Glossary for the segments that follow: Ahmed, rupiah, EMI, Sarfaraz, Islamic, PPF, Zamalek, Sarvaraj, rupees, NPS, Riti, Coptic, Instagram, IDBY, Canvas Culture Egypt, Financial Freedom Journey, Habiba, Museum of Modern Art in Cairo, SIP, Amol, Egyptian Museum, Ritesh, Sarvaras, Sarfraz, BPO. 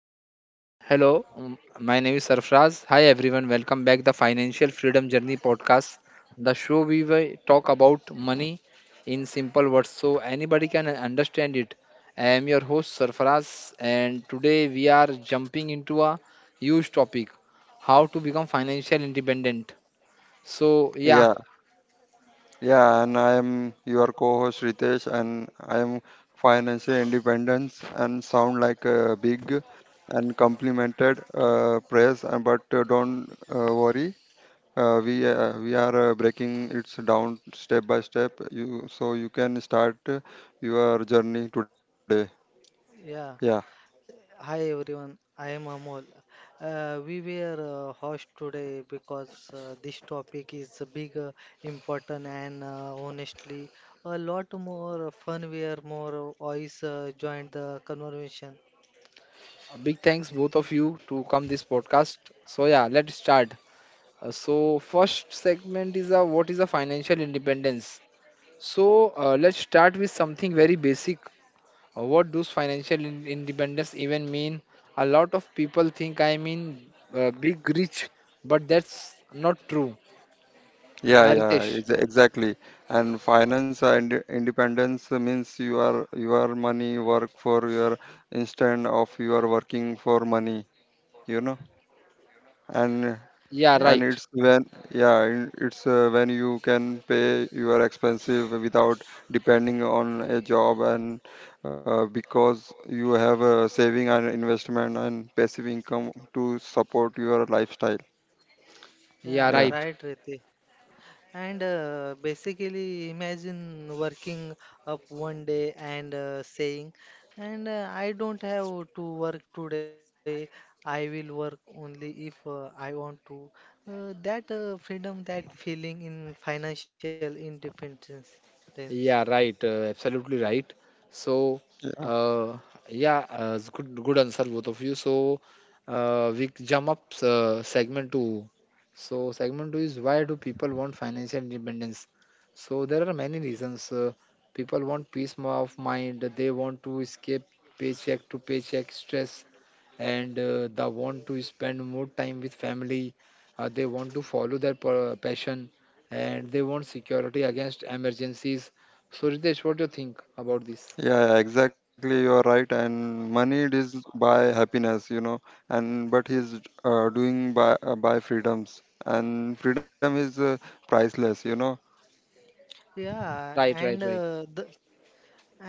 Uh, hello. My name is Sarfraz. Hi everyone. Welcome back the Financial Freedom Journey podcast. The show we will talk about money in simple words so anybody can understand it. I am your host Sarfraz and today we are jumping into a huge topic, how to become financial independent. So yeah, Yeah, yeah, and I am your co-host Ritesh, and I am financial independence and sound like a big and complimented praise, and but don't worry, we are breaking it down step by step. You so you can start your journey today. Yeah, Yeah. Hi everyone. I am Amol. We were host today because this topic is big, important, and honestly, a lot more fun. Where more voice joined the conversation. big thanks both of you to come this podcast. So yeah, let's start. So first segment is a what is a financial independence. So let's start with something very basic. What does financial independence even mean? A lot of people think I mean big rich, but that's not true. Yeah, Ritesh. Yeah. exactly. And finance and independence means you are your money work for your instead of you are working for money, you know. Yeah. and Yeah, and right. it's when you can pay your expensive without depending on a job, and because you have a saving and investment and passive income to support your lifestyle. Yeah, Yeah. yeah right. Right, Riti. And basically, imagine working up one day and saying, and I don't have to work today. I will work only if I want to. That freedom, that feeling in financial independence. Yeah, right. Absolutely right. So, yeah uh, yeah, it's good, good answer, both of you. So, we jump up segment two. So, segment two is why do people want financial independence? So, there are many reasons. People want peace of mind. They want to escape paycheck to paycheck stress, and they want to spend more time with family. They want to follow their passion, and they want security against emergencies. So Ritesh, what do you think about this? yeah exactly, you are right, and money it is by happiness, you know. And but he's doing by freedoms, and freedom is priceless, you know. Yeah, Right, right, and right. uh, the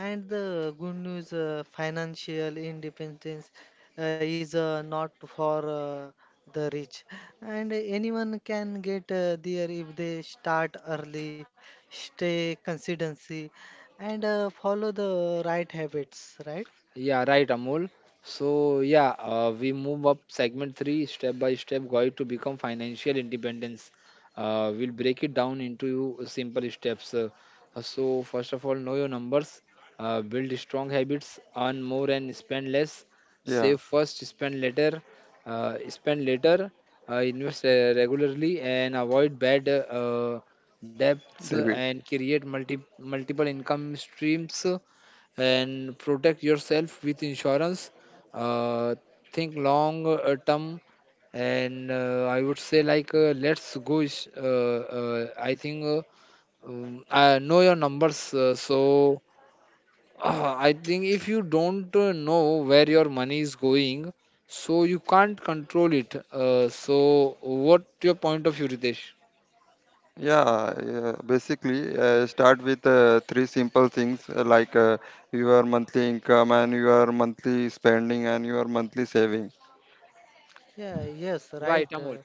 And the good news, financial independence is not for the rich, and anyone can get there if they start early, stay consistency, and follow the right habits, right? Yeah, right, Amol. So, yeah, we move up segment three step by step guide to become financial independence. We'll break it down into simple steps. So, first of all, know your numbers, build strong habits, earn more and spend less, save yeah first, spend later, uh, spend later, invest regularly, and avoid bad debts david and create multiple income streams and protect yourself with insurance. Uh, think long term, and I would say like let's go. I think I know your numbers, so I think if you don't know where your money is going, so you can't control it. So what your point of view, Ritesh? Yeah, yeah, basically, start with three simple things your monthly income and your monthly spending and your monthly saving. Yeah, yes, Right, right. Amol. Uh,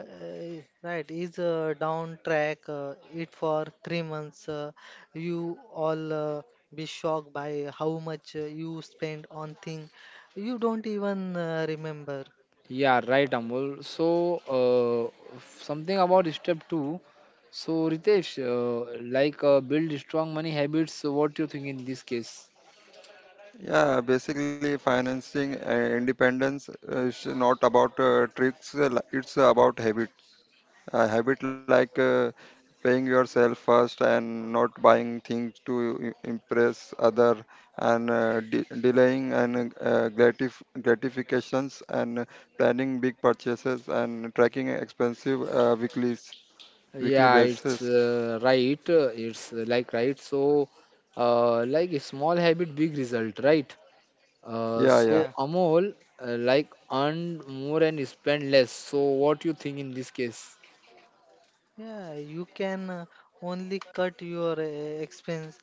uh, uh, Right, is down track it for 3 months. You all be shocked by how much you spend on thing you don't even remember. Yeah, right, Amol. So, something about step two. So, Ritesh, like build strong money habits. So what do you think in this case? Yeah, basically, financing independence is not about tricks, it's about habits. A habit like paying yourself first, and not buying things to impress other, and delaying and gratifications, and planning big purchases, and tracking expensive weeklies weekly Yeah, it's basis. Right. It's like right. So, like a small habit, big result, right? Uh, Yeah, yeah. Yeah. so, Amol, like earn more and spend less. So, what do you think in this case? Yeah, you can only cut your expenses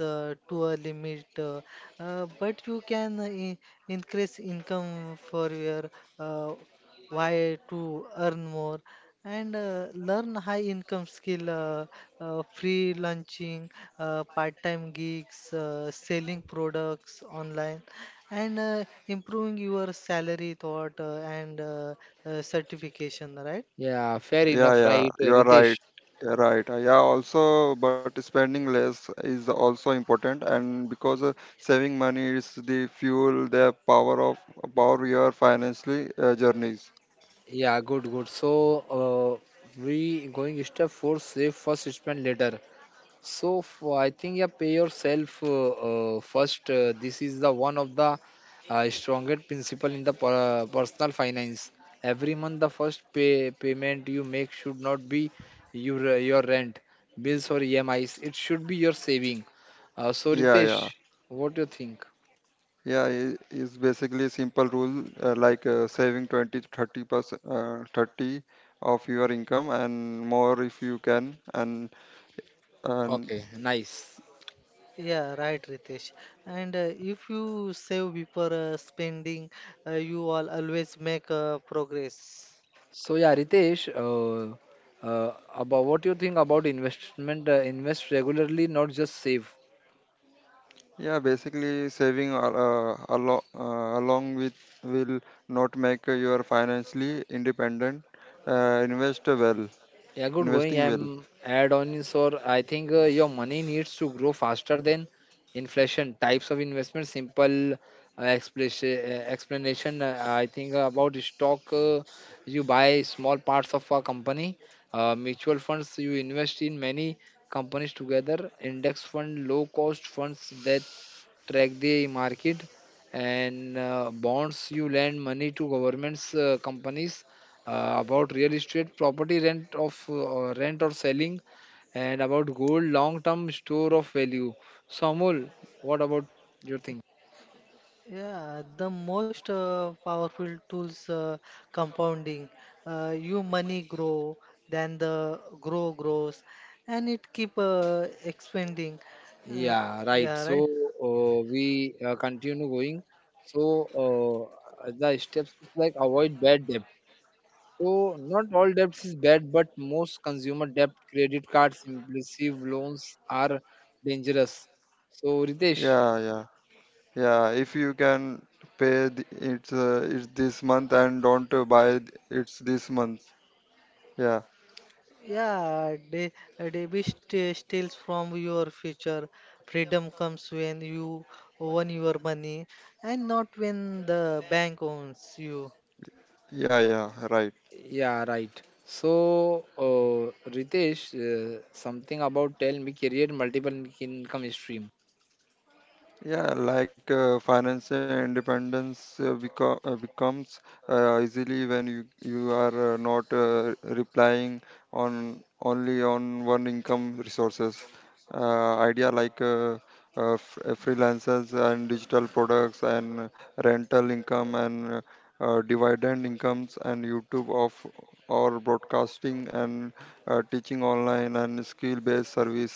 to a limit, but you can increase income for your uh, why to earn more and learn high income skill, freelancing, part-time gigs, selling products online, and improving your salary thought and certification, right? Yeah, fair enough, Yeah, right, you're right. Ritesh? Also, but spending less is also important, and because saving money is the fuel, the power your financially journeys. Yeah, good, good. So, uh, we going step four, save first, spend later. So, for, I think yeah, pay yourself first. This is the one of the strongest principle in the personal finance. Every month, the first payment you make should not be your rent, bills or EMIs. It should be your saving. So, Yeah, Ritesh, yeah, what do you think? It's basically simple rule saving 20 to 30%, 30 of your income, and more if you can, and Okay, nice. Yeah, right, Ritesh. And if you save before spending, you will always make progress. So yeah, Ritesh, about what you think about investment? Invest regularly, not just save. yeah, basically saving along with will not make you are financially independent. Uh, invest well, Yeah, good going. investing well. I'm add on is or I think your money needs to grow faster than inflation. Types of investment, simple explanation. I think about stock. You buy small parts of a company. Mutual funds. You invest in many companies together. Index fund, low cost funds that track the market and bonds, you lend money to governments companies. About real estate property rent or selling and about gold long term store of value. So Amol, what about your thing? Yeah, the most powerful tools compounding. You money grow, then the grow grows, and it keep expanding. Uh, Yeah, right. yeah, So right. We continue going. So the steps is like avoid bad debt. So not all debts is bad, but most consumer debt, credit cards, impulsive loans are dangerous. So Ritesh, Yeah, yeah, yeah. If you can pay it's this month, and don't buy it's this month. Yeah, Yeah, de debit steals from your future. Freedom comes when you own your money and not when the bank owns you. yeah, yeah. Right. yeah, right. So Ritesh, something about tell me career multiple income stream. Yeah, like financial independence becomes easily when you are not relying on only on one income resources. Idea like freelancers and digital products, and rental income, and dividend incomes, and YouTube of or broadcasting, and teaching online, and skill-based service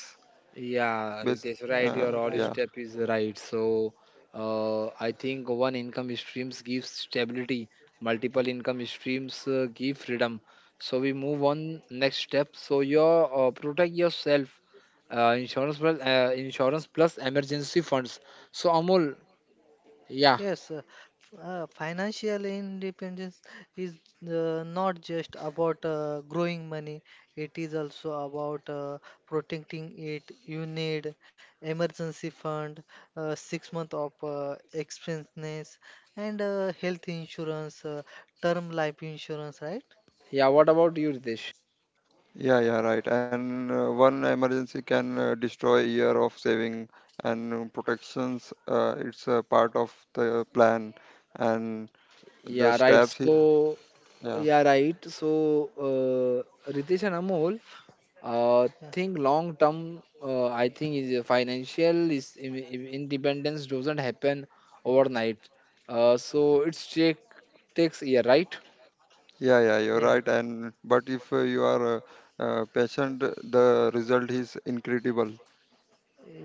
Yeah, based. Ritesh, right. Yeah, Uh, Your all right. yeah. step is right. So, I think one income streams gives stability, multiple income streams give freedom. So we move on next step. So your protect yourself, insurance plus emergency funds. So Amol, yeah, Yes, financial independence is not just about growing money, it is also about protecting it. You need emergency fund, 6 month of expenses, and health insurance, term life insurance, right? yeah. What about you, Ritesh? Yeah, yeah, right. And one emergency can destroy a year of saving and protections. It's a part of the plan and the Yeah, right. steps. he- So Yeah, yeah, right. So Ritesh and Amol, Yeah. think long term. I think is a financial independence doesn't happen overnight. So it's takes year, right? Yeah. You're Yeah. right. And but if you are patient, the result is incredible.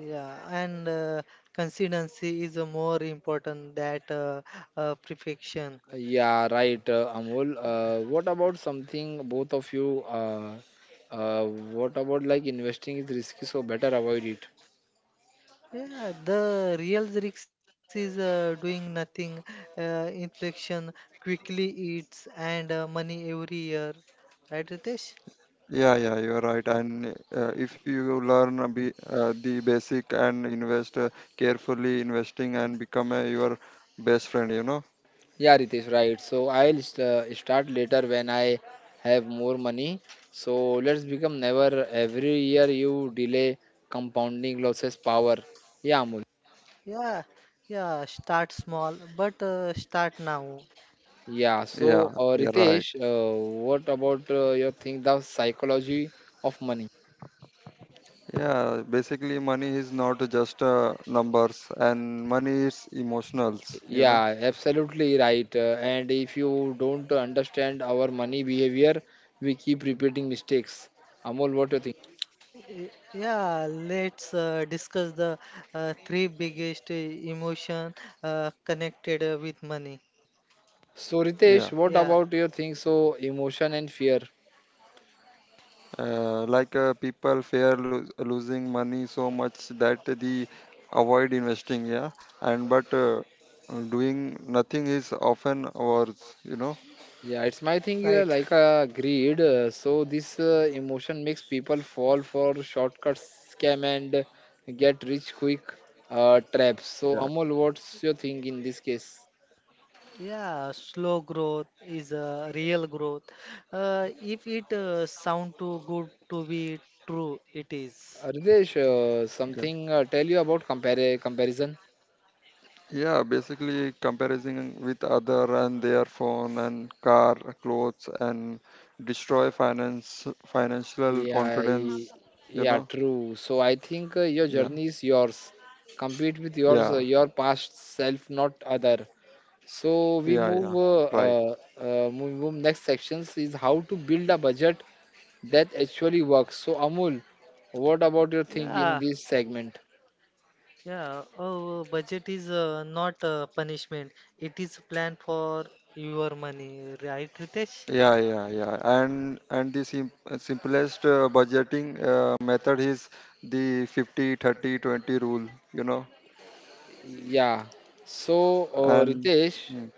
Yeah, and consistency is more important than perfection. Yeah, right. Amol, what about something both of you uh, what about like investing is risky, so better avoid it. Yeah, the real lyrics is doing nothing, inflation quickly eats, and money every year. Right, Ritesh? Yeah, you're right. And if you learn a the basic and invest carefully, investing and become your best friend, you know. Yeah, Ritesh, right. So I'll start later when I have more money. So let's become never every year you delay compounding losses power. Yeah, Amol. Yeah, yeah, start small, but start now. Yeah, so Yeah, yeah, right. Ritesh, what about your thing, the psychology of money? Yeah, basically money is not just numbers, and money is emotionals, you know. Yeah, absolutely right. And if you don't understand our money behavior, we keep repeating mistakes. Amol, what do you think? Yeah, let's discuss the three biggest emotion connected with money. So Yeah. Ritesh, what Yeah, about your thing? So emotion and fear. People fear losing money so much that they avoid investing, yeah. And but doing nothing is often worse, you know. Yeah, it's my thing right. Like greed. So this emotion makes people fall for shortcuts, scam, and get rich quick traps. So Yeah, Amol, what's your thing in this case? Yeah, slow growth is a real growth. If it sound too good to be true, it is. Ridesh, yeah. something tell you about compare comparison? Yeah, basically comparison with other and their phone and car, clothes and destroy finance financial Yeah, I- confidence, you yeah, know. true. So I think your Yeah. journey is yours. Compete with Yeah. your past self, not other. So we Yeah, yeah, move. Right. Next sections is how to build a budget that actually works. So, Amul, what about your think Yeah, in this segment? yeah. Oh, budget is not a punishment. It is plan for your money, right, Ritesh? Yeah, yeah, yeah. And The simplest budgeting method is the 50/30/20 rule, you know. Yeah. So, And Ritesh, mm,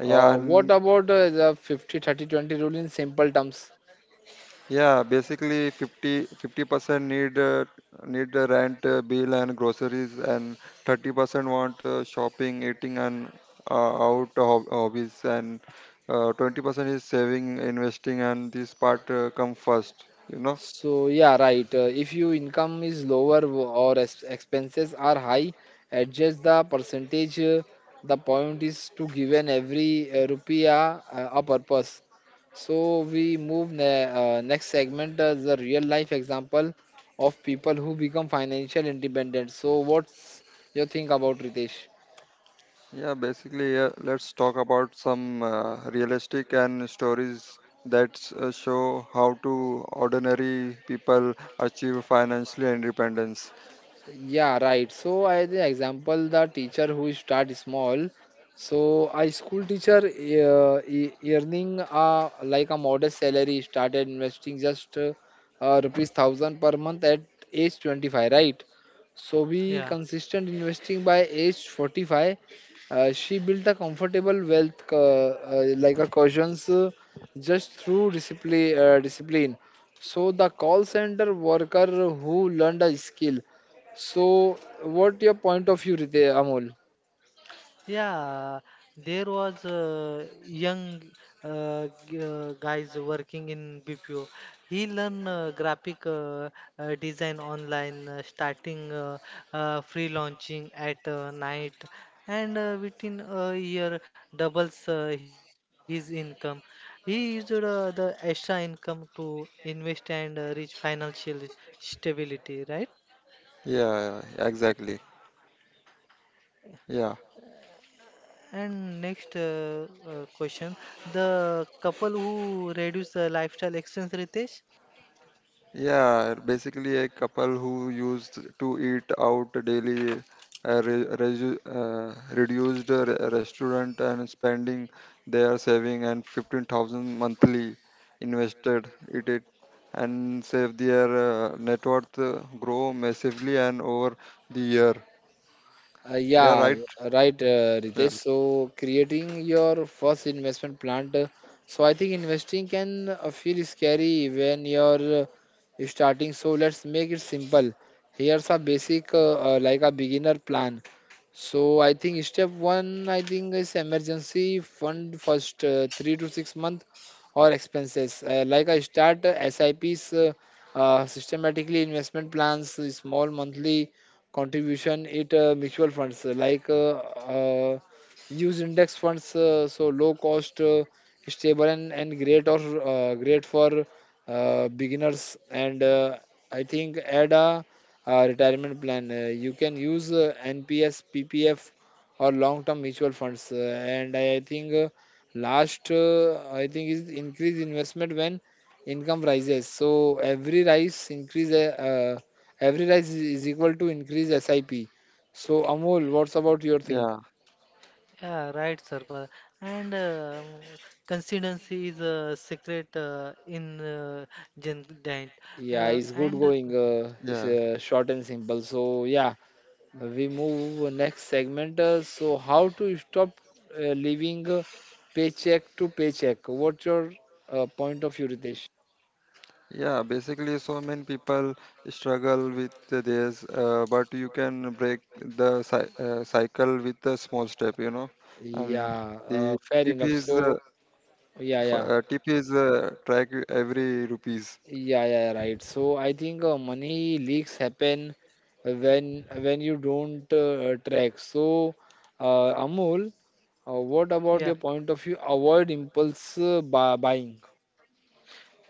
yeah, what and about the 50/30/20 rule in simple terms? yeah, Basically fifty fifty percent need need the rent, bill and groceries, and 30% want shopping, eating, and out hob hobbies, and 20% is saving, investing, and this part come first, you know. So, yeah, right. If your income is lower or expenses are high, adjust the percentage. The point is to given every rupiah a purpose. So we move next segment as the real life example of people who become financial independent. So what's your think about Ritesh? Yeah, basically, yeah, let's talk about some realistic and stories that show how to ordinary people achieve financial independence. Yeah, right. So I the example the teacher who start small. So a school teacher earning like a modest salary started investing just rupees 1,000 per month at age 25, right? So we Yeah. consistent investing by age 45. She built a comfortable wealth like a cushions just through discipline. So the call center worker who learned a skill. So, what your point of view, Rite Amol? Yeah, there was a young guys working in BPO. He learn graphic design online, starting free at night, and within a year doubles his income. He used the extra income to invest and reach financial stability, right? Yeah, exactly. Yeah. And next question, the couple who reduce the lifestyle expense, Ritesh? Yeah, basically a couple who used to eat out daily, reduced the restaurant and spending their saving, and 15,000 monthly invested it, and save their net worth grow massively and over the year. Yeah, Yeah, right? right, Yeah, Ritesh. So, creating your first investment plant. So, I think investing can feel scary when you're starting. So, let's make it simple. Here's a basic, like a beginner plan. So, I think step one, I think is emergency fund first 3 to 6 month or expenses. Like I start SIPs, systematically investment plans, small monthly contribution it mutual funds like uh, use index funds so low cost stable and, great or great for beginners and I think add a, retirement plan you can use NPS PPF or long term mutual funds and I think last I think is increase investment when income rises. So every rise increase every rise is equal to increase SIP. So Amol, what's about your thing? yeah, Yeah, right, sir. And consistency is a secret in Gen Diet. Yeah, Uh, it's good and uh, going. It's yeah. Short and simple. So yeah, we move next segment. So how to stop living paycheck to paycheck? What's your point of view, Ritesh? Yeah, basically, so many people struggle with this, but you can break the cycle with a small step, you know. And Yeah, the fair tip enough. is uh, So yeah, yeah, tip is track every rupees. yeah, yeah, right. So I think money leaks happen when you don't track. So Amol. What about yeah, your point of view? Avoid impulse buying.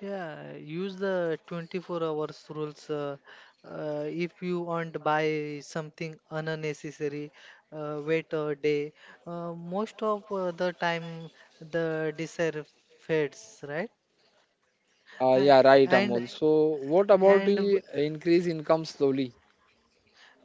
Yeah, use the 24 hours rules. If you want to buy something unnecessary, wait a day. Most of the time, the desire fades, right? A- Yeah, right, And Amol. So, what about and the increase income slowly?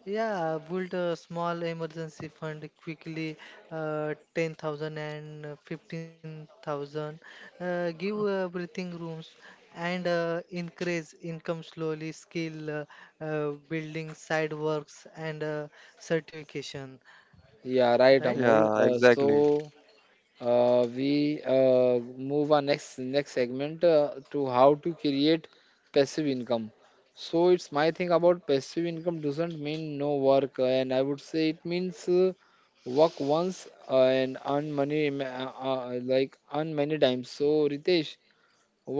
Yeah, built a small emergency fund quickly, 10,000 and 15,000. Give breathing rooms and increase income slowly, skill building, side works, and certification. Yeah, right, Right? Amol. Yeah, exactly. We move our next segment to how to create passive income. So, it's my thing about passive income doesn't mean no work, and I would say it means work once and earn money like earn many times. So, Ritesh,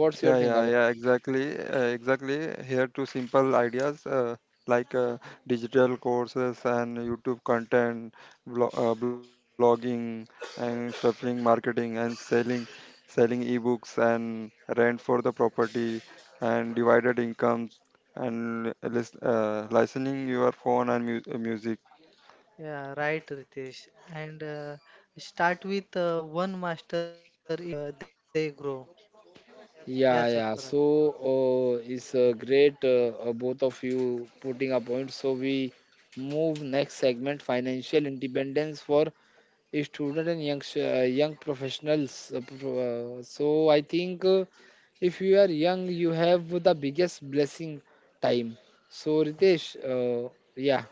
what's your Yeah, thing? yeah, yeah, exactly. Here to simple ideas like uh, digital courses and YouTube content, blogging, and shuffling marketing and selling ebooks, and rent for the property, and divided incomes, and lis licensing your phone and mu music. Yeah, right, Ritesh. And start with one master, it they grow. Yeah, sir. Yeah, Farah. yeah. So it's great, both of you putting a point. So we move next segment, financial independence for student and young professionals. So I think if you are young, you have the biggest blessing, time. So Ritesh, yeah,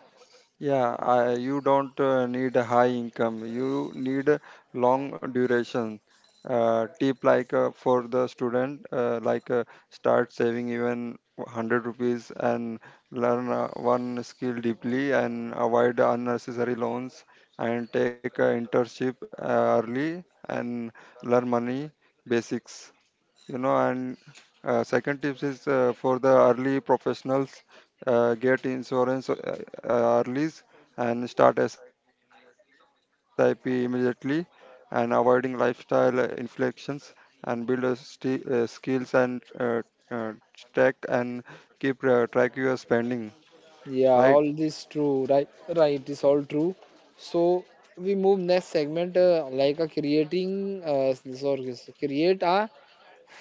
Yeah, I, you don't need a high income. You need a long duration. Tip like for the student, start saving even 100 rupees, and learn one skill deeply, and avoid unnecessary loans, and take internship early, and learn money basics, you know. And second tips is for the early professionals: get insurance early, and start SIP immediately, and avoiding lifestyle inflections, and build skills, and uh, track and keep track your spending, right. yeah, all this true, right? Right, it's all true. So we move next segment, like a creating, sorry, create a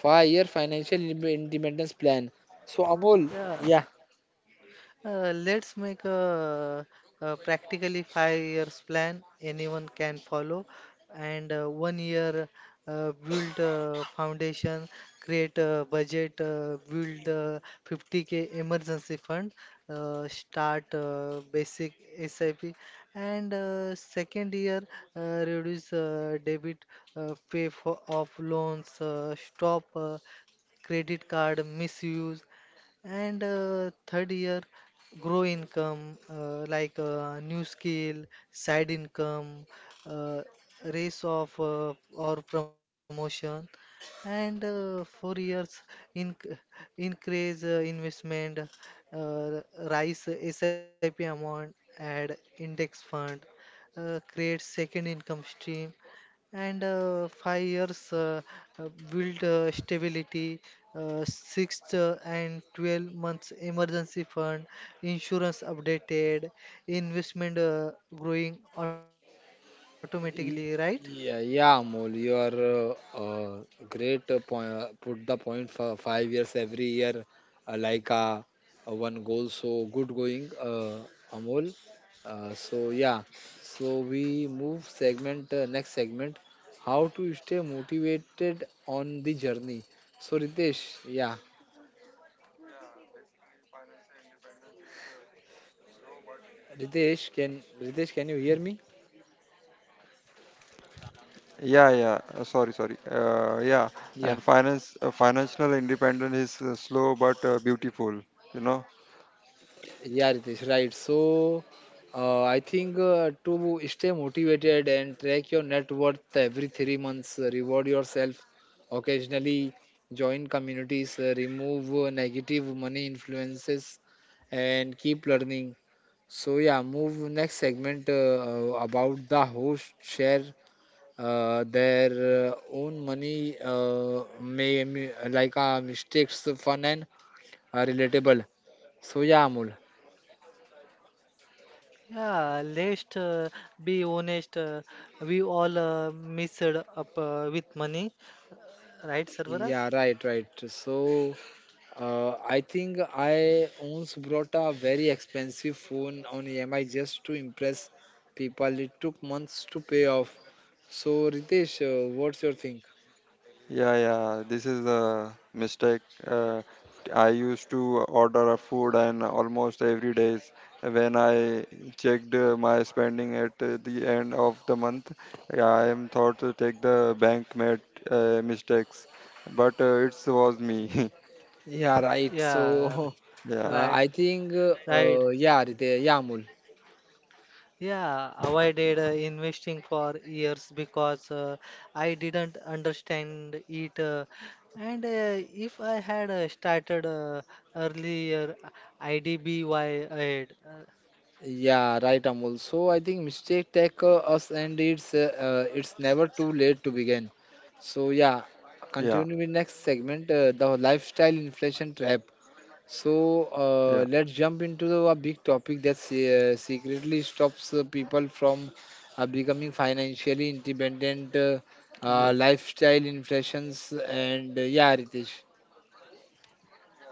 five-year financial independence plan. So Amol, Yeah. yeah, Let's make a practically 5 years plan anyone can follow, and one year build a foundation, create a budget, build a 50k emergency fund, start basic SIP, and second year reduce debit, pay for off loans, stop credit card misuse. And third year, grow income like new skill side income uh, raise of or promotion and 4 years in increase investment uh, rise sip amount add index fund create second income stream and 5 years build stability, six and 12 months emergency fund, insurance updated, investment growing automatically, right? Y- Yeah, yeah, Amol, you are great. Point, put the point for 5 years every year, like one goal. So good going, Amol. So yeah, so we move segment next segment. How to stay motivated on the journey. So Ritesh, yeah, Ritesh, can you hear me? yeah yeah sorry sorry Yeah, Yeah. and finance financial independence is slow but beautiful, you know. Yeah, Ritesh, right. I think to stay motivated and track your net worth every 3 months, reward yourself occasionally, join communities, remove negative money influences, and keep learning. Move next segment about the host share their own money, mistakes, fun, and relatable. So, yeah, Amul. Yeah, let's be honest. We all messed up with money, right, Sarvaras? Yeah, right, right. So, I think I once brought a very expensive phone on EMI just to impress people. It took months to pay off. So, Ritesh, what's your think? Yeah, this is a mistake. Uh, I used to order a food, and almost every days when I checked my spending at the end of the month, I am thought to take the bank made mistakes, but it was me. Yeah, right. Yeah, So, Yeah, right, I think, right. Yeah, Ritesh, yeah, Amul. Yeah, avoided investing for years because I didn't understand it. And if I had started earlier, IDBY ahead. Yeah, right, Amul. So I think mistake take us, and it's never too late to begin. So yeah, yeah, continue with next segment, the lifestyle inflation trap. So, yeah, let's jump into a big topic that secretly stops people from becoming financially independent. yeah. Lifestyle inflations and yeah, Ritesh.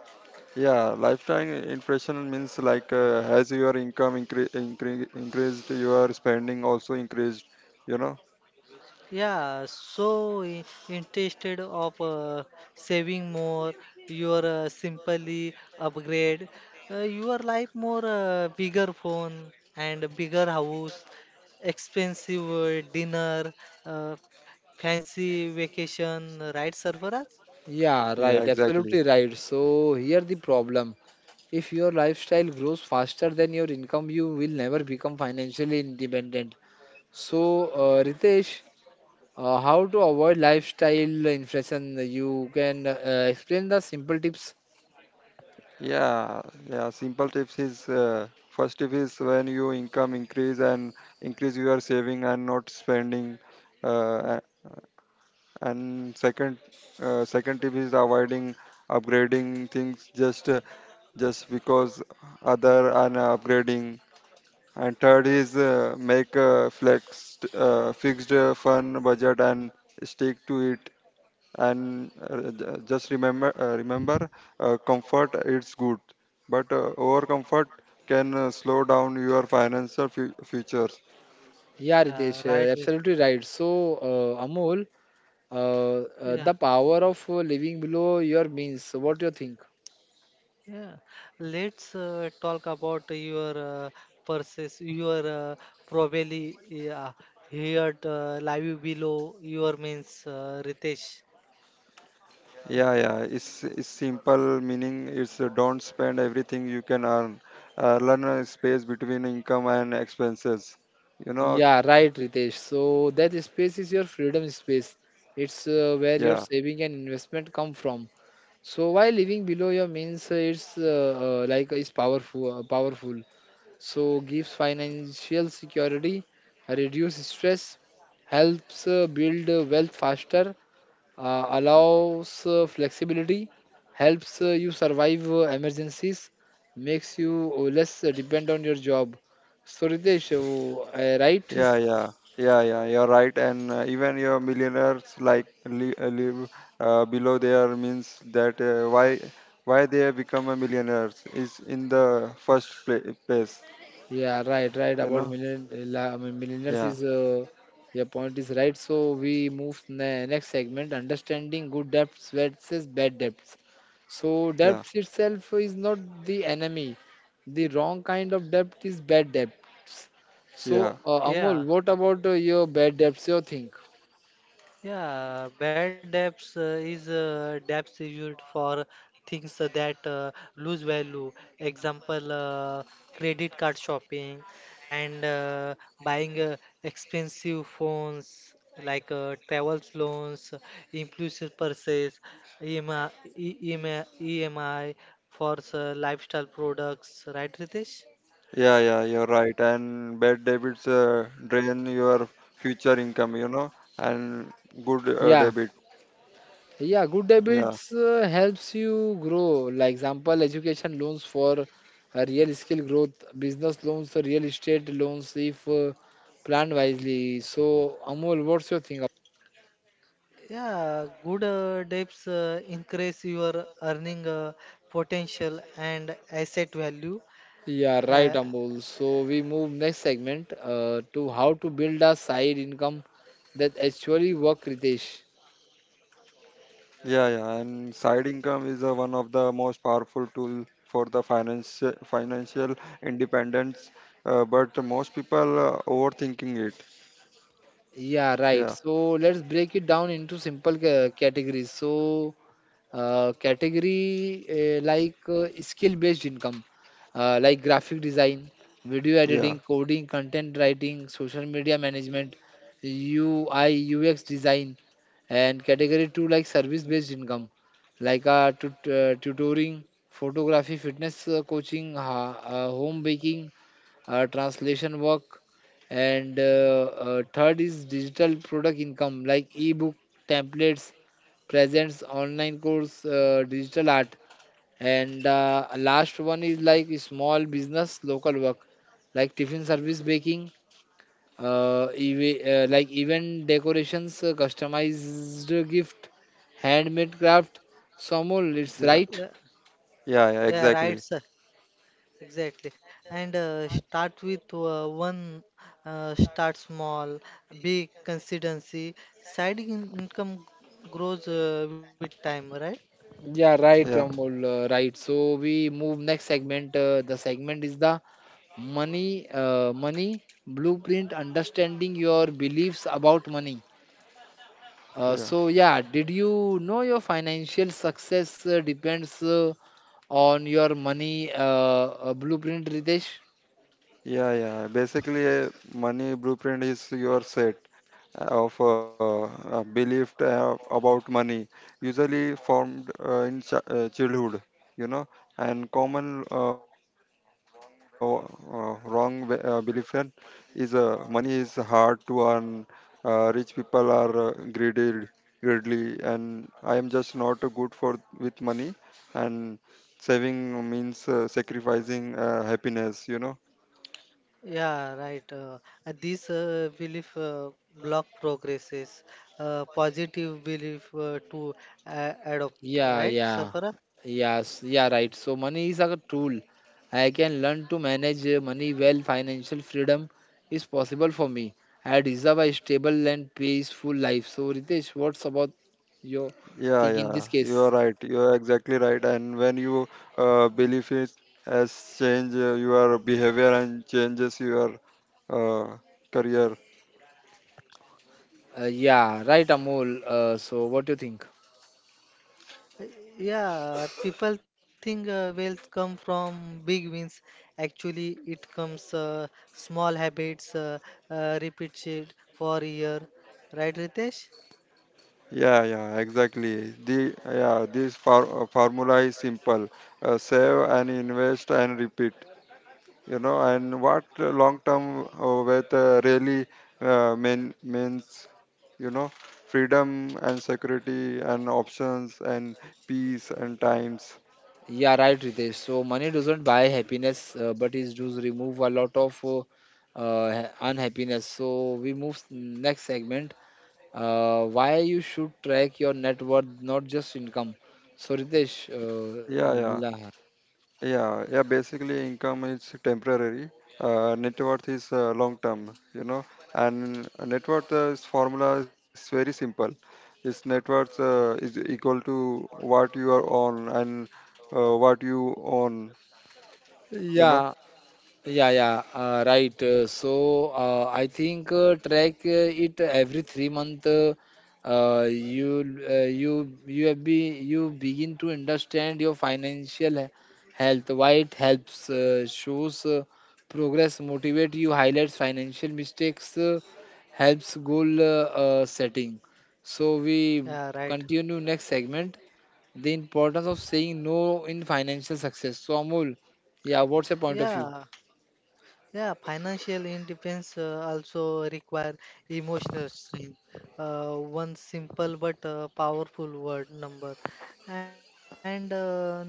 Yeah, lifetime inflation means like as your income increased, your spending also increased, you know? Yeah, so instead of saving more, you are simply upgrade your life more bigger phone and bigger house expensive dinner. Uh, Fancy vacation, right, Sarfaraz? Yeah, Yeah, right. Absolutely exactly. right. So here the problem. If your lifestyle grows faster than your income, you will never become financially independent. So, Ritesh, how to avoid lifestyle inflation? You can explain the simple tips. Yeah, yeah. Simple tips is, first tip is when your income increase and increase your saving and not spending. Uh, a- and second, second tip is avoiding upgrading things just because other are not upgrading. And third is make a flex fixed fund budget and stick to it. And just remember comfort it's good, but over comfort can slow down your financial futures. Yeah, Yeah, Ritesh, right. Absolutely right. So, Amol, Yeah, the power of living below your means, what do you think? yeah. Let's talk about your purses, your probably yeah, here live below your means, Ritesh. Yeah yeah it's Simple meaning it's, don't spend everything you can earn. Learn a space between income and expenses, you know. Yeah, right, Ritesh. So, that space is your freedom space. It's where your yeah saving and investment come from. So, why living below your means, it's like is powerful, powerful. So, gives financial security, reduce stress, helps build wealth faster, allows flexibility, helps you survive emergencies, makes you less depend on your job. So Ritesh, I right? Is yeah. You're right, and even your millionaires like li live below their means, that why they become a millionaires is in the first pla place, Yeah, right, right. you About know? million, I mean, millionaires Yeah, is your point is right. So we move ne next segment, understanding good debts versus bad debts. So yeah, debts itself is not the enemy. The wrong kind of debt is bad debts. yeah, So, Amol, Yeah, what about your bad debts? You think? Yeah, bad debts is debts is used for things that lose value. Example, credit card shopping and buying expensive phones like travel loans, impulsive purchase, EMI, for lifestyle products. Right, Ritesh? Yeah. You're right, and bad debits drain your future income, you know, and good Yeah. debit. Yeah, good Yeah. habits helps you grow. Like example, education loans for real skill growth, business loans, real estate loans if planned wisely. So Amol, what's your thing? Yeah, good debts increase your earning potential and asset value. Yeah, right, Uh, Amol. So we move next segment to how to build a side income that actually work, Ritesh. Yeah, yeah, and side income is one of the most powerful tool for the finance financial independence, but most people overthinking it. Yeah, right. Yeah, So let's break it down into simple categories. So category skill based income, like graphic design, video yeah, editing, coding, content writing, social media management, ui ux design, and category 2 like service based income, like tutoring, photography, fitness coaching, home baking, translation work, and third is digital product income like ebook, templates, presents, online course, digital art, and last one is like small business local work, like tiffin service, baking, event decorations, customized gift, handmade craft. So Amol, it's yeah, yeah, right? Yeah, yeah, right, exactly. sir. Exactly. And start with one, start small, big consistency. Income grows with time, right? Yeah, right, Yeah, Amol, right. So we move next segment. The segment is the money blueprint, understanding your beliefs about money. Uh, yeah. so yeah, did you know your financial success depends on your money blueprint, Ritesh? Yeah. Basically, a money blueprint is your set of belief about money, usually formed in ch childhood, you know. And common wrong belief in is money is hard to earn. Rich people are greedy, greedy, and I am just not good for with money. And saving means sacrificing happiness, you know. Yeah, right. This belief block progresses. Positive belief to adopt, Yeah, right, yeah, Sarfara? Yes, yeah, right. So money is a tool. I can learn to manage money well. Financial freedom is possible for me. I deserve a stable and peaceful life. So Ritesh, what's about your think in this Yeah, you are case? right. You are exactly right. And when you believe it has changed your behavior, and changes your uh, career. Yeah, right, Amol. So, what do you think? Uh, Yeah, people think wealth come from big wins. Actually, it comes small habits repeated for a year, right, Ritesh? The formula is simple: save and invest and repeat. You know, and what long term wealth really means, you know, freedom and security and options and peace and times. Yeah, right, Ritesh. So money doesn't buy happiness, but it does remove a lot of unhappiness. So we move next segment. Why you should track your net worth, not just income. So Ritesh, yeah uh, yeah la- yeah, Basically income is temporary. Net worth is long term, you know. And net worth is formula is very simple. It's net worth is equal to what you are on, and what you own, you know. yeah. Yeah, yeah, right. So, I think track it every 3 month. You you you have be you begin to understand your financial health. Why it helps shows progress, motivate you, highlights financial mistakes, helps goal setting. So we Yeah, right. continue next segment. The importance of saying no in financial success. So Amol, yeah, what's your point of view? Yeah. Yeah, financial independence also require emotional strength. One simple but powerful word number, and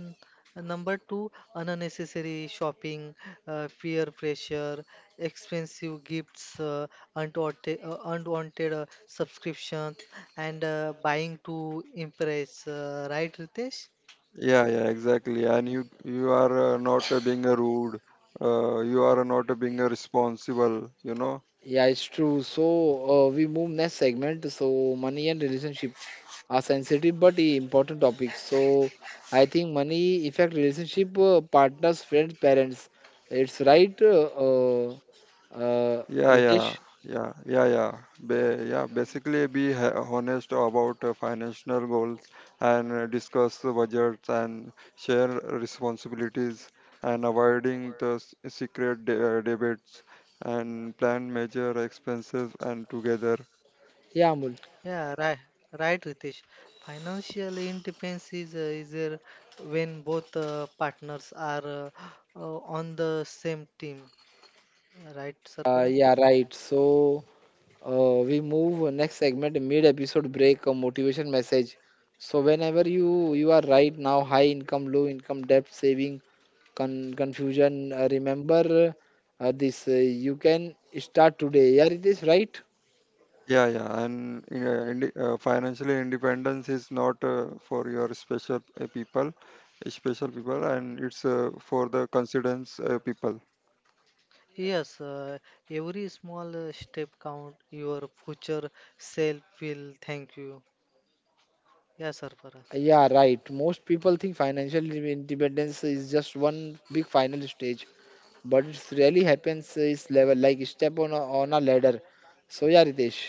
number two, unnecessary shopping, peer pressure, expensive gifts, unwanted subscriptions, and buying to impress. Right, Ritesh? Yeah, exactly. And you are not being rude. You are not being responsible, you know. Yeah, it's true. So, we move next segment. So money and relationship are sensitive but important topics. So I think money affect relationship, partners, friends, parents. It's right, uh, uh, Yeah, Ritesh? yeah, Basically be honest about financial goals, and discuss the budgets, and share responsibilities, and avoiding the secret debates, and plan major expenses and together. Yeah, Amul. Yeah, right, right, Ritesh. Financial independence is there when both partners are on the same team, right, Sarfraz? Yeah, right. So, we move next segment. Mid episode break, a motivation message. So whenever you are right now, high income, low income, debt, saving, confusion. Remember this. You can start today. Yeah, it is right. Financially independence is not for your special people, and it's for the considers people. Yes, every small step count. Your future self will thank you. Yeah, Sarfraz. Yeah, right. Most people think financial independence is just one big final stage, but it really happens is level like step on a ladder. So yeah, Ritesh.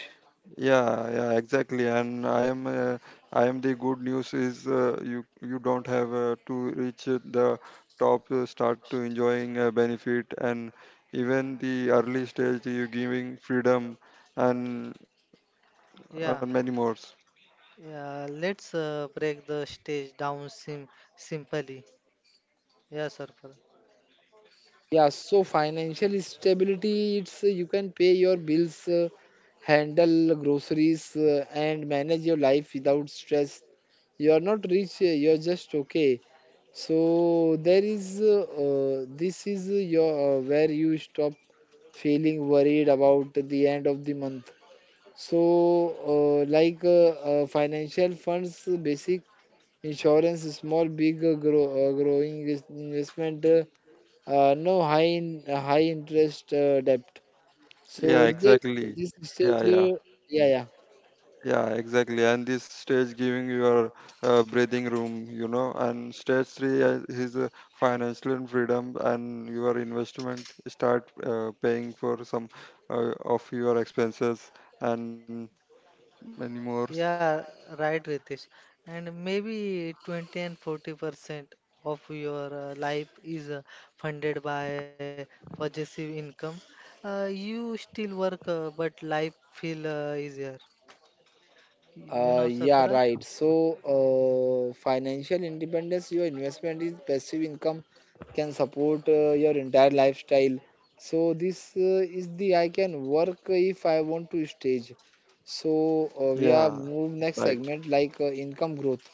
Yeah, yeah, exactly. And I am the good news is you don't have to reach the top start to enjoying benefit, and even the early stage you giving freedom and and many Yeah, more. yeah. Let's break the stage down simply. Yeah, Sarfraz. Yeah, so financial stability, it's you can pay your bills, handle groceries, and manage your life without stress. You are not rich, you are just okay. So there is this is your where you stop feeling worried about the end of the month. So, financial funds, basic insurance, small big growing investment, no high interest debt. So Yeah, Ritesh, exactly. this stage, Yeah, yeah. Yeah yeah. Yeah, exactly. And this stage giving your breathing room, you know, and stage three is financial and freedom, and your investment start paying for some of your expenses and many more. Yeah, right, Ritesh. And maybe 20 and 40% of your life is funded by possessive income. You still work, but life feel easier. You know, Yeah, Sarfaraj? right. So, financial independence, your investment is passive income, can support your entire lifestyle. So, this is the I can work if I want to stage. So, we are Yeah, move that's next right. segment like income growth,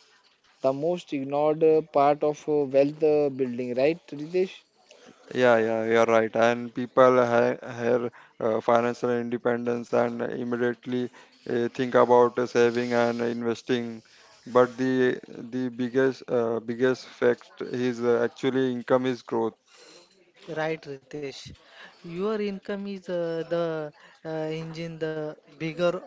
the most ignored part of wealth building, right, Ritesh? Yeah, yeah, You're right. And people ha have financial independence, and immediately think about saving and investing. But the biggest biggest fact is actually income is growth. Right, Ritesh. Your income is the engine, the bigger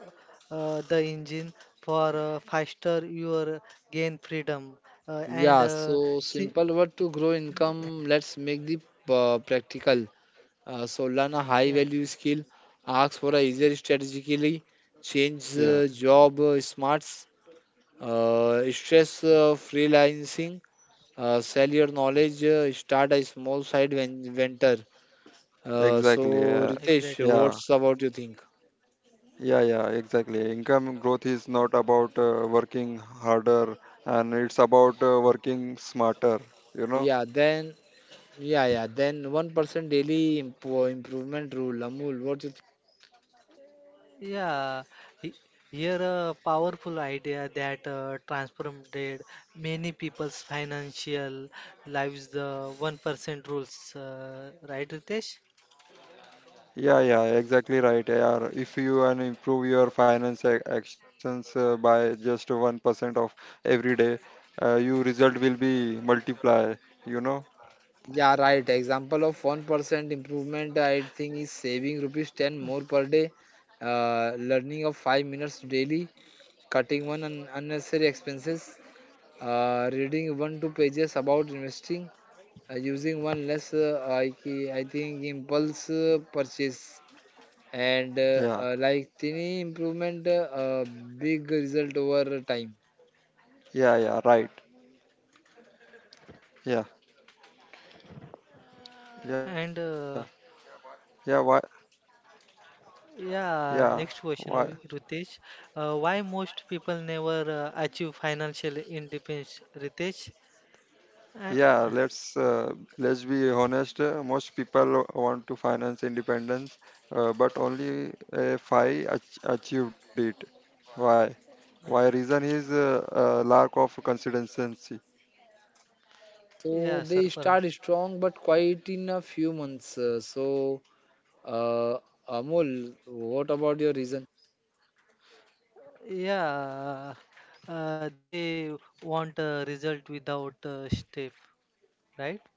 the engine for faster your gain freedom uh, and Yeah, uh, so si- simple word to grow income. Let's make the practical. So, learn a high yeah. value skill, ask for a easier strategically, change Yeah, job smarts, stress freelancing, sell your knowledge, start a small side venture. So, exactly. Yeah, Ritesh, Exactly. yeah, what's about you think? yeah, exactly. Income growth is not about working harder, and it's about working smarter. You know. Yeah, then yeah, yeah, then 1% daily improvement rule. Amul, what you Yeah, he- Here a powerful idea that transformed many people's financial lives, the 1% rules, right, Ritesh? Yeah, yeah, exactly right. Yeah, if you can improve your finance actions by just 1% of every day, your result will be multiply, you know? Yeah, right. Example of 1% improvement, I think, is saving rupees 10 more per day, learning of 5 minutes daily, cutting one unnecessary expenses, reading 1 2 pages about investing, using one less, I think, impulse purchase. And Yeah, tiny improvement, big result over time. yeah, yeah, right. Yeah, And yeah, uh, yeah, why, yeah, yeah, Next question, why, Ritesh. Why most people never achieve financial independence, Ritesh? Uh, yeah, let's be honest. Most people want to finance independence, but only five achieved it. Why? Why reason is lack of consistency. So yeah, they start Sarfaraz. strong but quite in a few months. So, Uh, Amol, what about your reason? Yeah, they want a result without a step, right?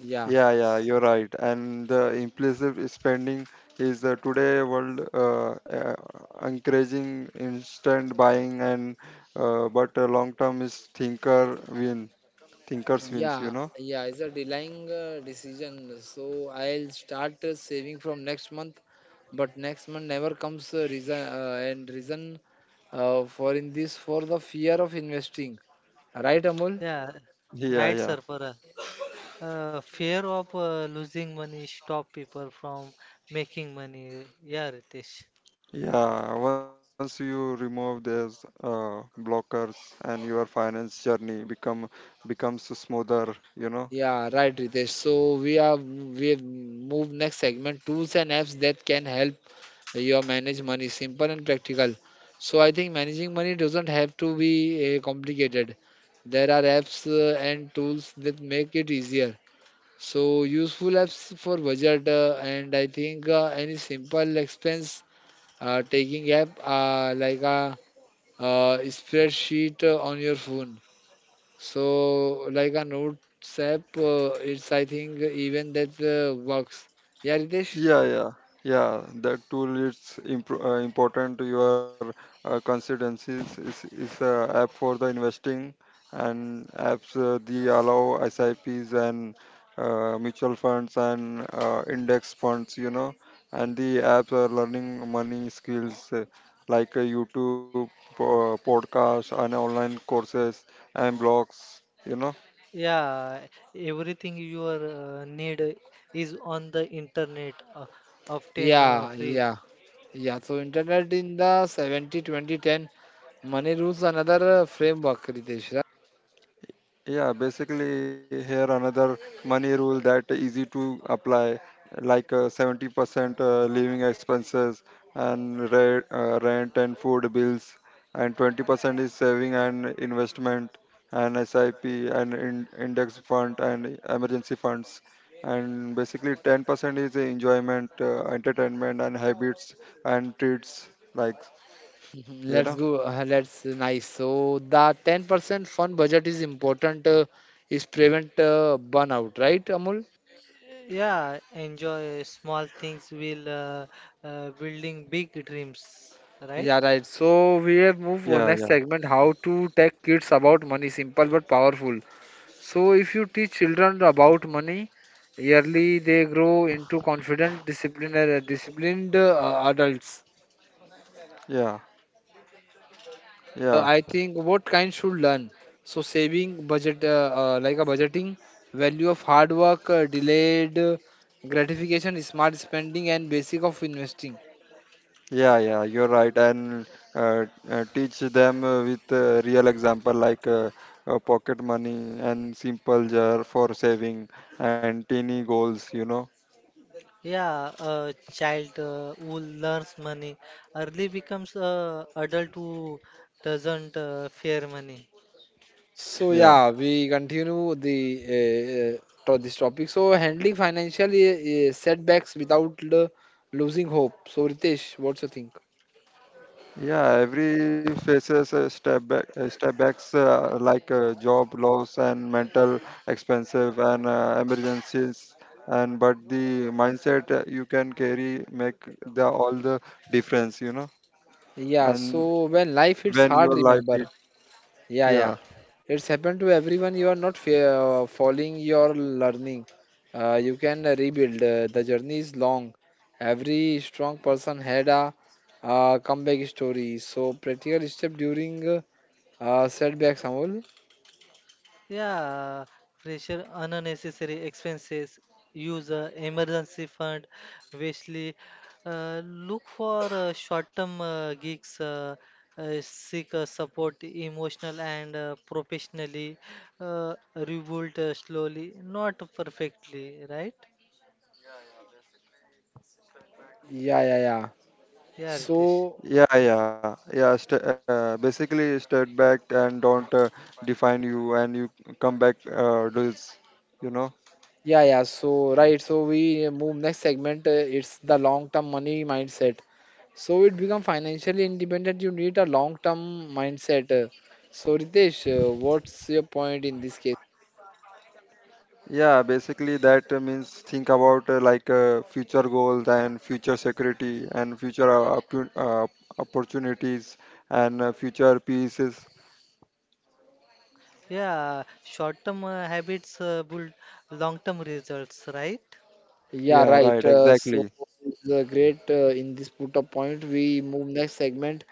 Yeah. Yeah, yeah, you're right. And the impulsive spending is today world, encouraging instant buying and but long term is thinkers wins. Yeah, You know? yeah, it's a delaying decision. So I'll start saving from next month, but next month never comes reason for in this for the fear of investing. Right, Amol? Yeah, Yeah, right, yeah, Sarfara. Fear of losing money stop people from making money. Yeah, Ritesh. yeah. Once you remove these blockers and your finance journey becomes smoother. You know? Yeah, right, Ritesh. So we have moved next segment, tools and apps that can help your manage money simple and practical. So I think managing money doesn't have to be complicated. There are apps and tools that make it easier. So useful apps for budget, and I think any simple expense taking app, like a spreadsheet on your phone, so like a notes app, it's I think even that works. Yeah, Ritesh. Yeah, yeah, yeah. That tool is important to your constituencies. Is the app for the investing and apps the allow S I Ps and mutual funds and index funds. You know, and the apps are learning money skills like YouTube, podcast, and online courses and blogs. You know. Yeah, everything you are, need is on the internet, often yeah free. yeah Yeah, so internet in the 70 2010 money rules, another framework, Ritesh. Right? Yeah, basically here another money rule that easy to apply, like 70% living expenses and rent and food bills, and 20% is saving and investment and SIP and index fund and emergency funds, and basically 10% is enjoyment, entertainment and habits and treats like Mhm. you Let's know. go. Let's nice. So the 10% fund budget is important. Is prevent burnout, right, Amul? Yeah, enjoy small things while building big dreams, right? Yeah, right. So we have Yeah, moved yeah, on next segment. How to tell kids about money? Simple but powerful. So if you teach children about money, yearly they grow into confident, disciplined adults. yeah, yeah. I think what kind should learn. So saving budget, like a budgeting, value of hard work, delayed gratification, smart spending, and basic of investing. Yeah, yeah, you're right. And teach them with real example like pocket money and simple jar for saving and teeny goals, you know. Yeah, a child who learns money early becomes a adult who doesn't fear money. So Yeah. yeah, we continue the uh, uh, to this topic. So handling financial setbacks without losing hope. So Ritesh, what's your think? Yeah, every faces a step back, a step backs like job loss and mental expensive and emergencies and but the mindset you can carry make the all the difference, you know. Yeah. And So when life hits when hard, your life remember. is Yeah, yeah. yeah. It's happened to everyone. You are not following your learning. You can rebuild. The journey is long. Every strong person had a comeback story. So practical step during setbacks, Amol. Yeah, pressure, unnecessary expenses, use a emergency fund, wisely, look for short-term gigs, seek support emotional and professionally, rebuild slowly, not perfectly, right? Yeah, yeah, yeah. Yeah, Ritesh. So Yeah. Basically, step back and don't define you, and you come back. This, you know. yeah, yeah. So right. So we move next segment. It's the long-term money mindset. So it become financially independent. You need a long-term mindset. So, Ritesh, what's your point in this case? Yeah, basically that means think about like future goals and future security and future opportunities and future pieces. Yeah, short-term habits build long-term results, right? Yeah, Yeah, right. right. So Exactly. it's great in this put up point. We move next segment,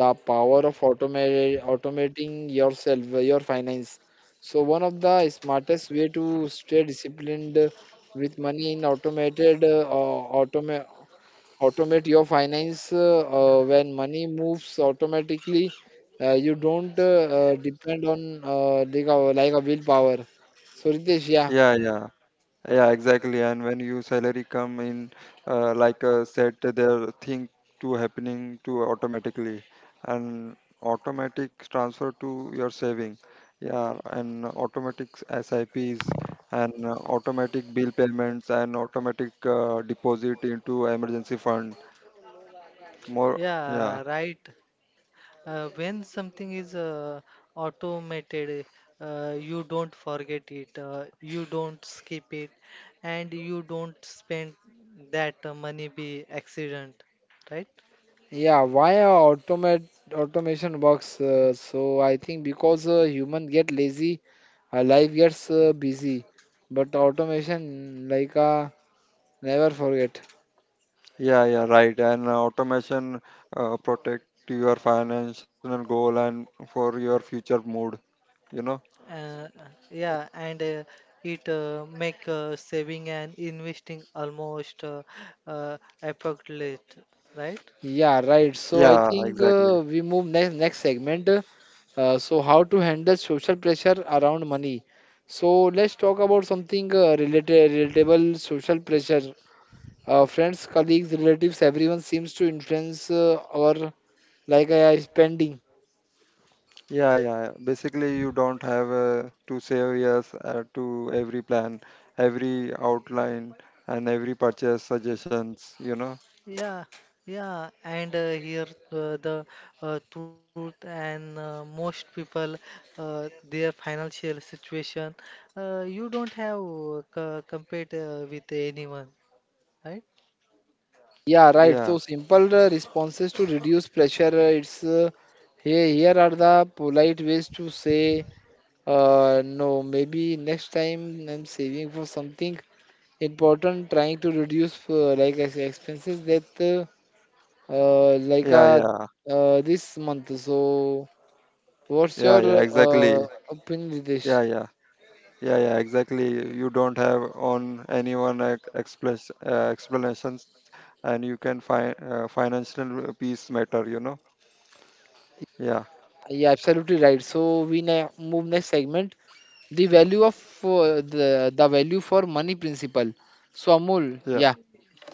the power of automate automating yourself, your finance. So one of the smartest way to stay disciplined with money in automate your finance, when money moves automatically. You don't depend on like a willpower. So Ritesh, yeah. Yeah, yeah. Yeah, exactly. And when you salary come in, like said, there thing to happening to automatically, and automatic transfer to your saving. Yeah, and automatic S I P's and automatic bill payments and automatic deposit into emergency fund. More, Yeah, yeah. right. When something is automated, you don't forget it, you don't skip it, and you don't spend that money by accident, right? Yeah, why automate automation works? So, I think because human get lazy, life gets busy, but automation never forget. Yeah, yeah, right. And automation protect your financial goal and for your future mood, you know? Uh, yeah, and it make saving and investing almost effortless, right? Yeah, right. So I Yeah, think exactly. we move next segment. So, how to handle social pressure around money? So let's talk about something related relatable social pressure. Friends, colleagues, relatives, everyone seems to influence our spending. Yeah, yeah. Basically, you don't have to say yes to every plan, every outline, and every purchase suggestions, you know? Yeah, yeah, and here the truth and most people their financial situation, you don't have co compete with anyone, right? Yeah, Yeah, right. So simple responses to reduce pressure. It's here. Here are the polite ways to say no. Maybe next time, I'm saving for something important. Trying to reduce ex- expenses that uh, uh, like yeah, uh, yeah, this month. So what's yeah, your yeah, exactly. Opinion, Ritesh? Yeah, yeah, yeah, yeah, exactly. You don't have on anyone explanations, and you can find financial peace matter, you know? Yeah, Yeah, absolutely right. So we now move next segment. The value of the value for money principle. So Amol, yeah. yeah,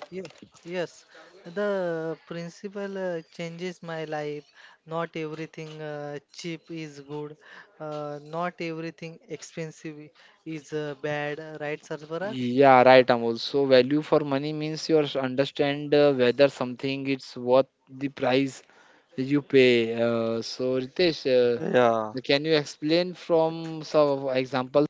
Yeah, yes. The principle changes my life. Not everything cheap is good. Not everything expensive is bad, right, Sarvaraj? Yeah, right, Amol. So value for money means you understand whether something is worth the price you pay. So, Ritesh, yeah, can you explain from some example?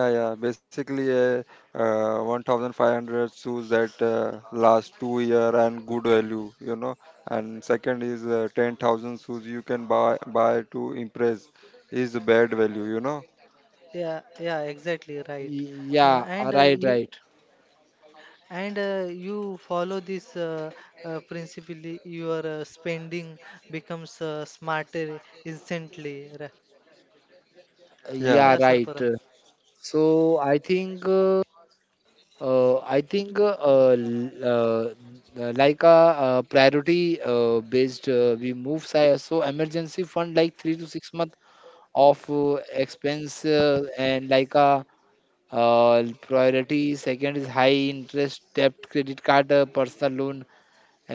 yeah. Basically, a 1,500 shoes that last 2 year and good value, you know. And second is 10,000 shoes you can buy to impress is bad value, you know. Yeah, yeah, exactly right. Uh, Yeah, and uh, right, right. you, And you follow this principle, your spending becomes smarter instantly. Yeah, Yeah, Yeah, right. Sarfara. So I think l- like a priority based, we move so emergency fund like 3 to 6 month of expense and like a. Priority second is high interest debt, credit card, personal loan,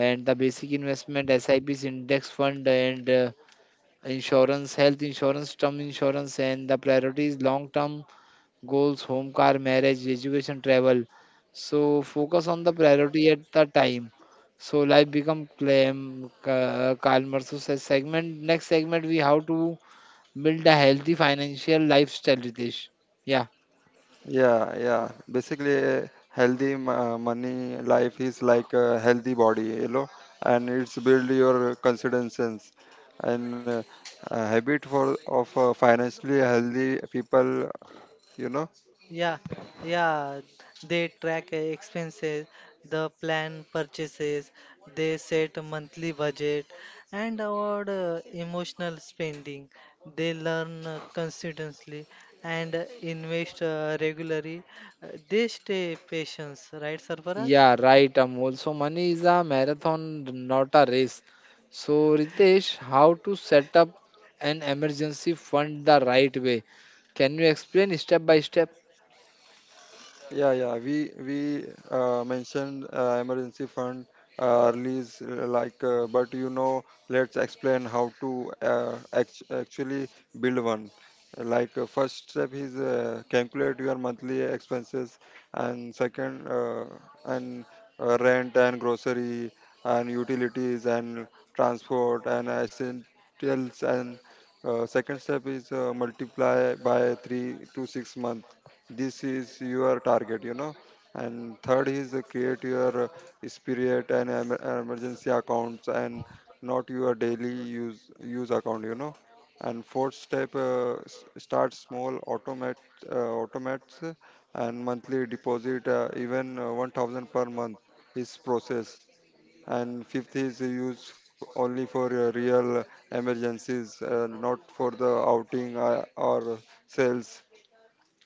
and the basic investment SIPs, index fund, and insurance, health insurance, term insurance, and the priority is long term goals, home, car, marriage, education, travel. So focus on the priority at the time. So life become calm, calmer. So segment, next segment, we how to build a healthy financial lifestyle, Ritesh. Yeah. yeah. Basically, a healthy money life is like a healthy body, you know, and it's build your consistencies and a habit for of financially healthy people, you know. Yeah, yeah. They track expenses, the plan purchases, they set a monthly budget, and avoid emotional spending. They learn consistently and invest regularly. They stay patient, right, Sarfaraz? Yeah, right, Amol. So money is a marathon, not a race. So Ritesh, how to set up an emergency fund the right way? Can you explain step by step? Yeah, yeah. We mentioned emergency fund release like, but you know, let's explain how to actually build one. Like first step is calculate your monthly expenses, and second and rent and grocery and utilities and transport and essentials and second step is multiply by 3 to 6 months. This is your target, you know. And third is create your spirit and emergency accounts and not your daily use account, you know. And fourth step, start small automate, uh, automates and monthly deposit, even 1,000 per month is process. And fifth is use only for real emergencies, not for the outing or sales.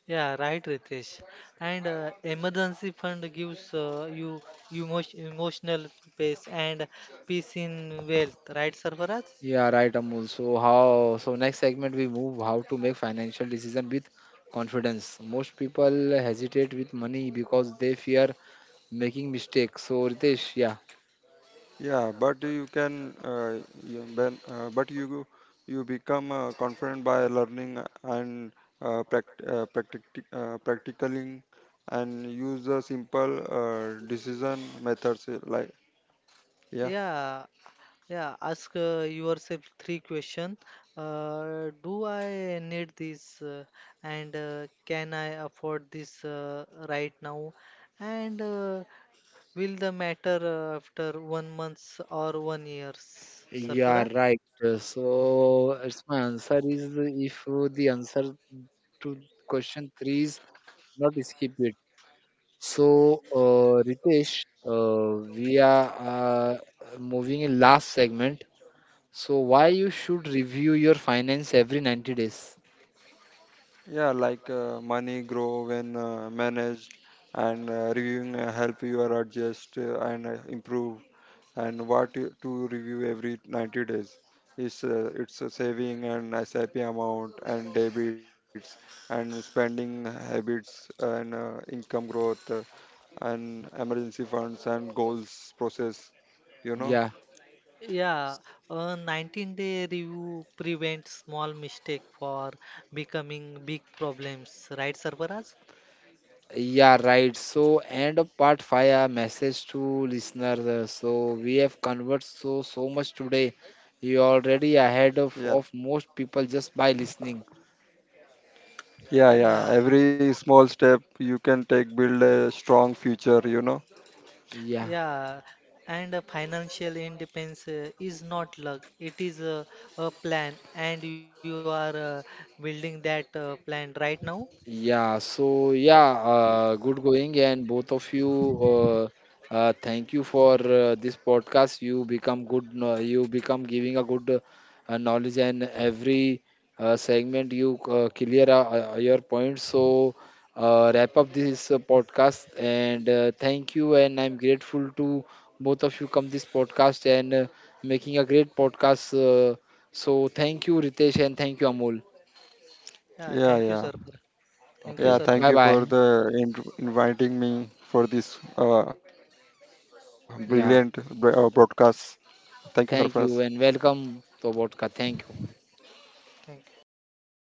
Yeah, right, Ritesh. And emergency fund gives you emotional peace and peace in wealth, right, Sarvaraj? Yeah, right, Amol. So how? So next segment we move, how to make financial decision with confidence. Most people hesitate with money because they fear making mistakes. So Ritesh, yeah, Yeah, but you can, you, ben, but you become confident by learning and practicing and use the simple decision methods like yeah. Yeah, yeah. Ask yourself three questions. Do I need this? And can I afford this right now? And will the matter after one month or one year, yeah, Sarvaraj? right. So, it's my answer is if the answer to question three is not, skip it. So, Ritesh, we are moving in last segment. So, why you should review your finance every 90 days? Yeah, like money grow when managed and reviewing help you are adjust and improve. And what you- to review every 90 days is it's a saving and sap amount and debits and spending habits and income growth, and emergency funds and goals process, you know. Yeah, Yeah, a 19-day review prevents small mistake for becoming big problems, right, Sarfaraz? yeah, right. So, end of part 5, a message to listeners. So, we have conversed so much today. You're already ahead yeah of most people just by listening. yeah Yeah, yeah every small step you can take build a strong future, you know. Yeah. yeah. And financial independence is not luck, it is a plan, and you are building that plan right now. Yeah, so yeah, good going, and both of you, uh, thank you for this podcast. You become good, you become giving a good knowledge, and every segment you clear your points. So, wrap up this podcast, and thank you. And I'm grateful to both of you come this podcast and making a great podcast. So, thank you, Ritesh, and thank you, Amol. Yeah, yeah thank you, yeah Sarfaraz. Thank you, yeah Okay, thank bye Sarfaraz. you for bye. the inviting me for this brilliant broadcast. Yeah. Thank you, Sarfraz. Thank you and welcome to Vodka. Thank you. Thank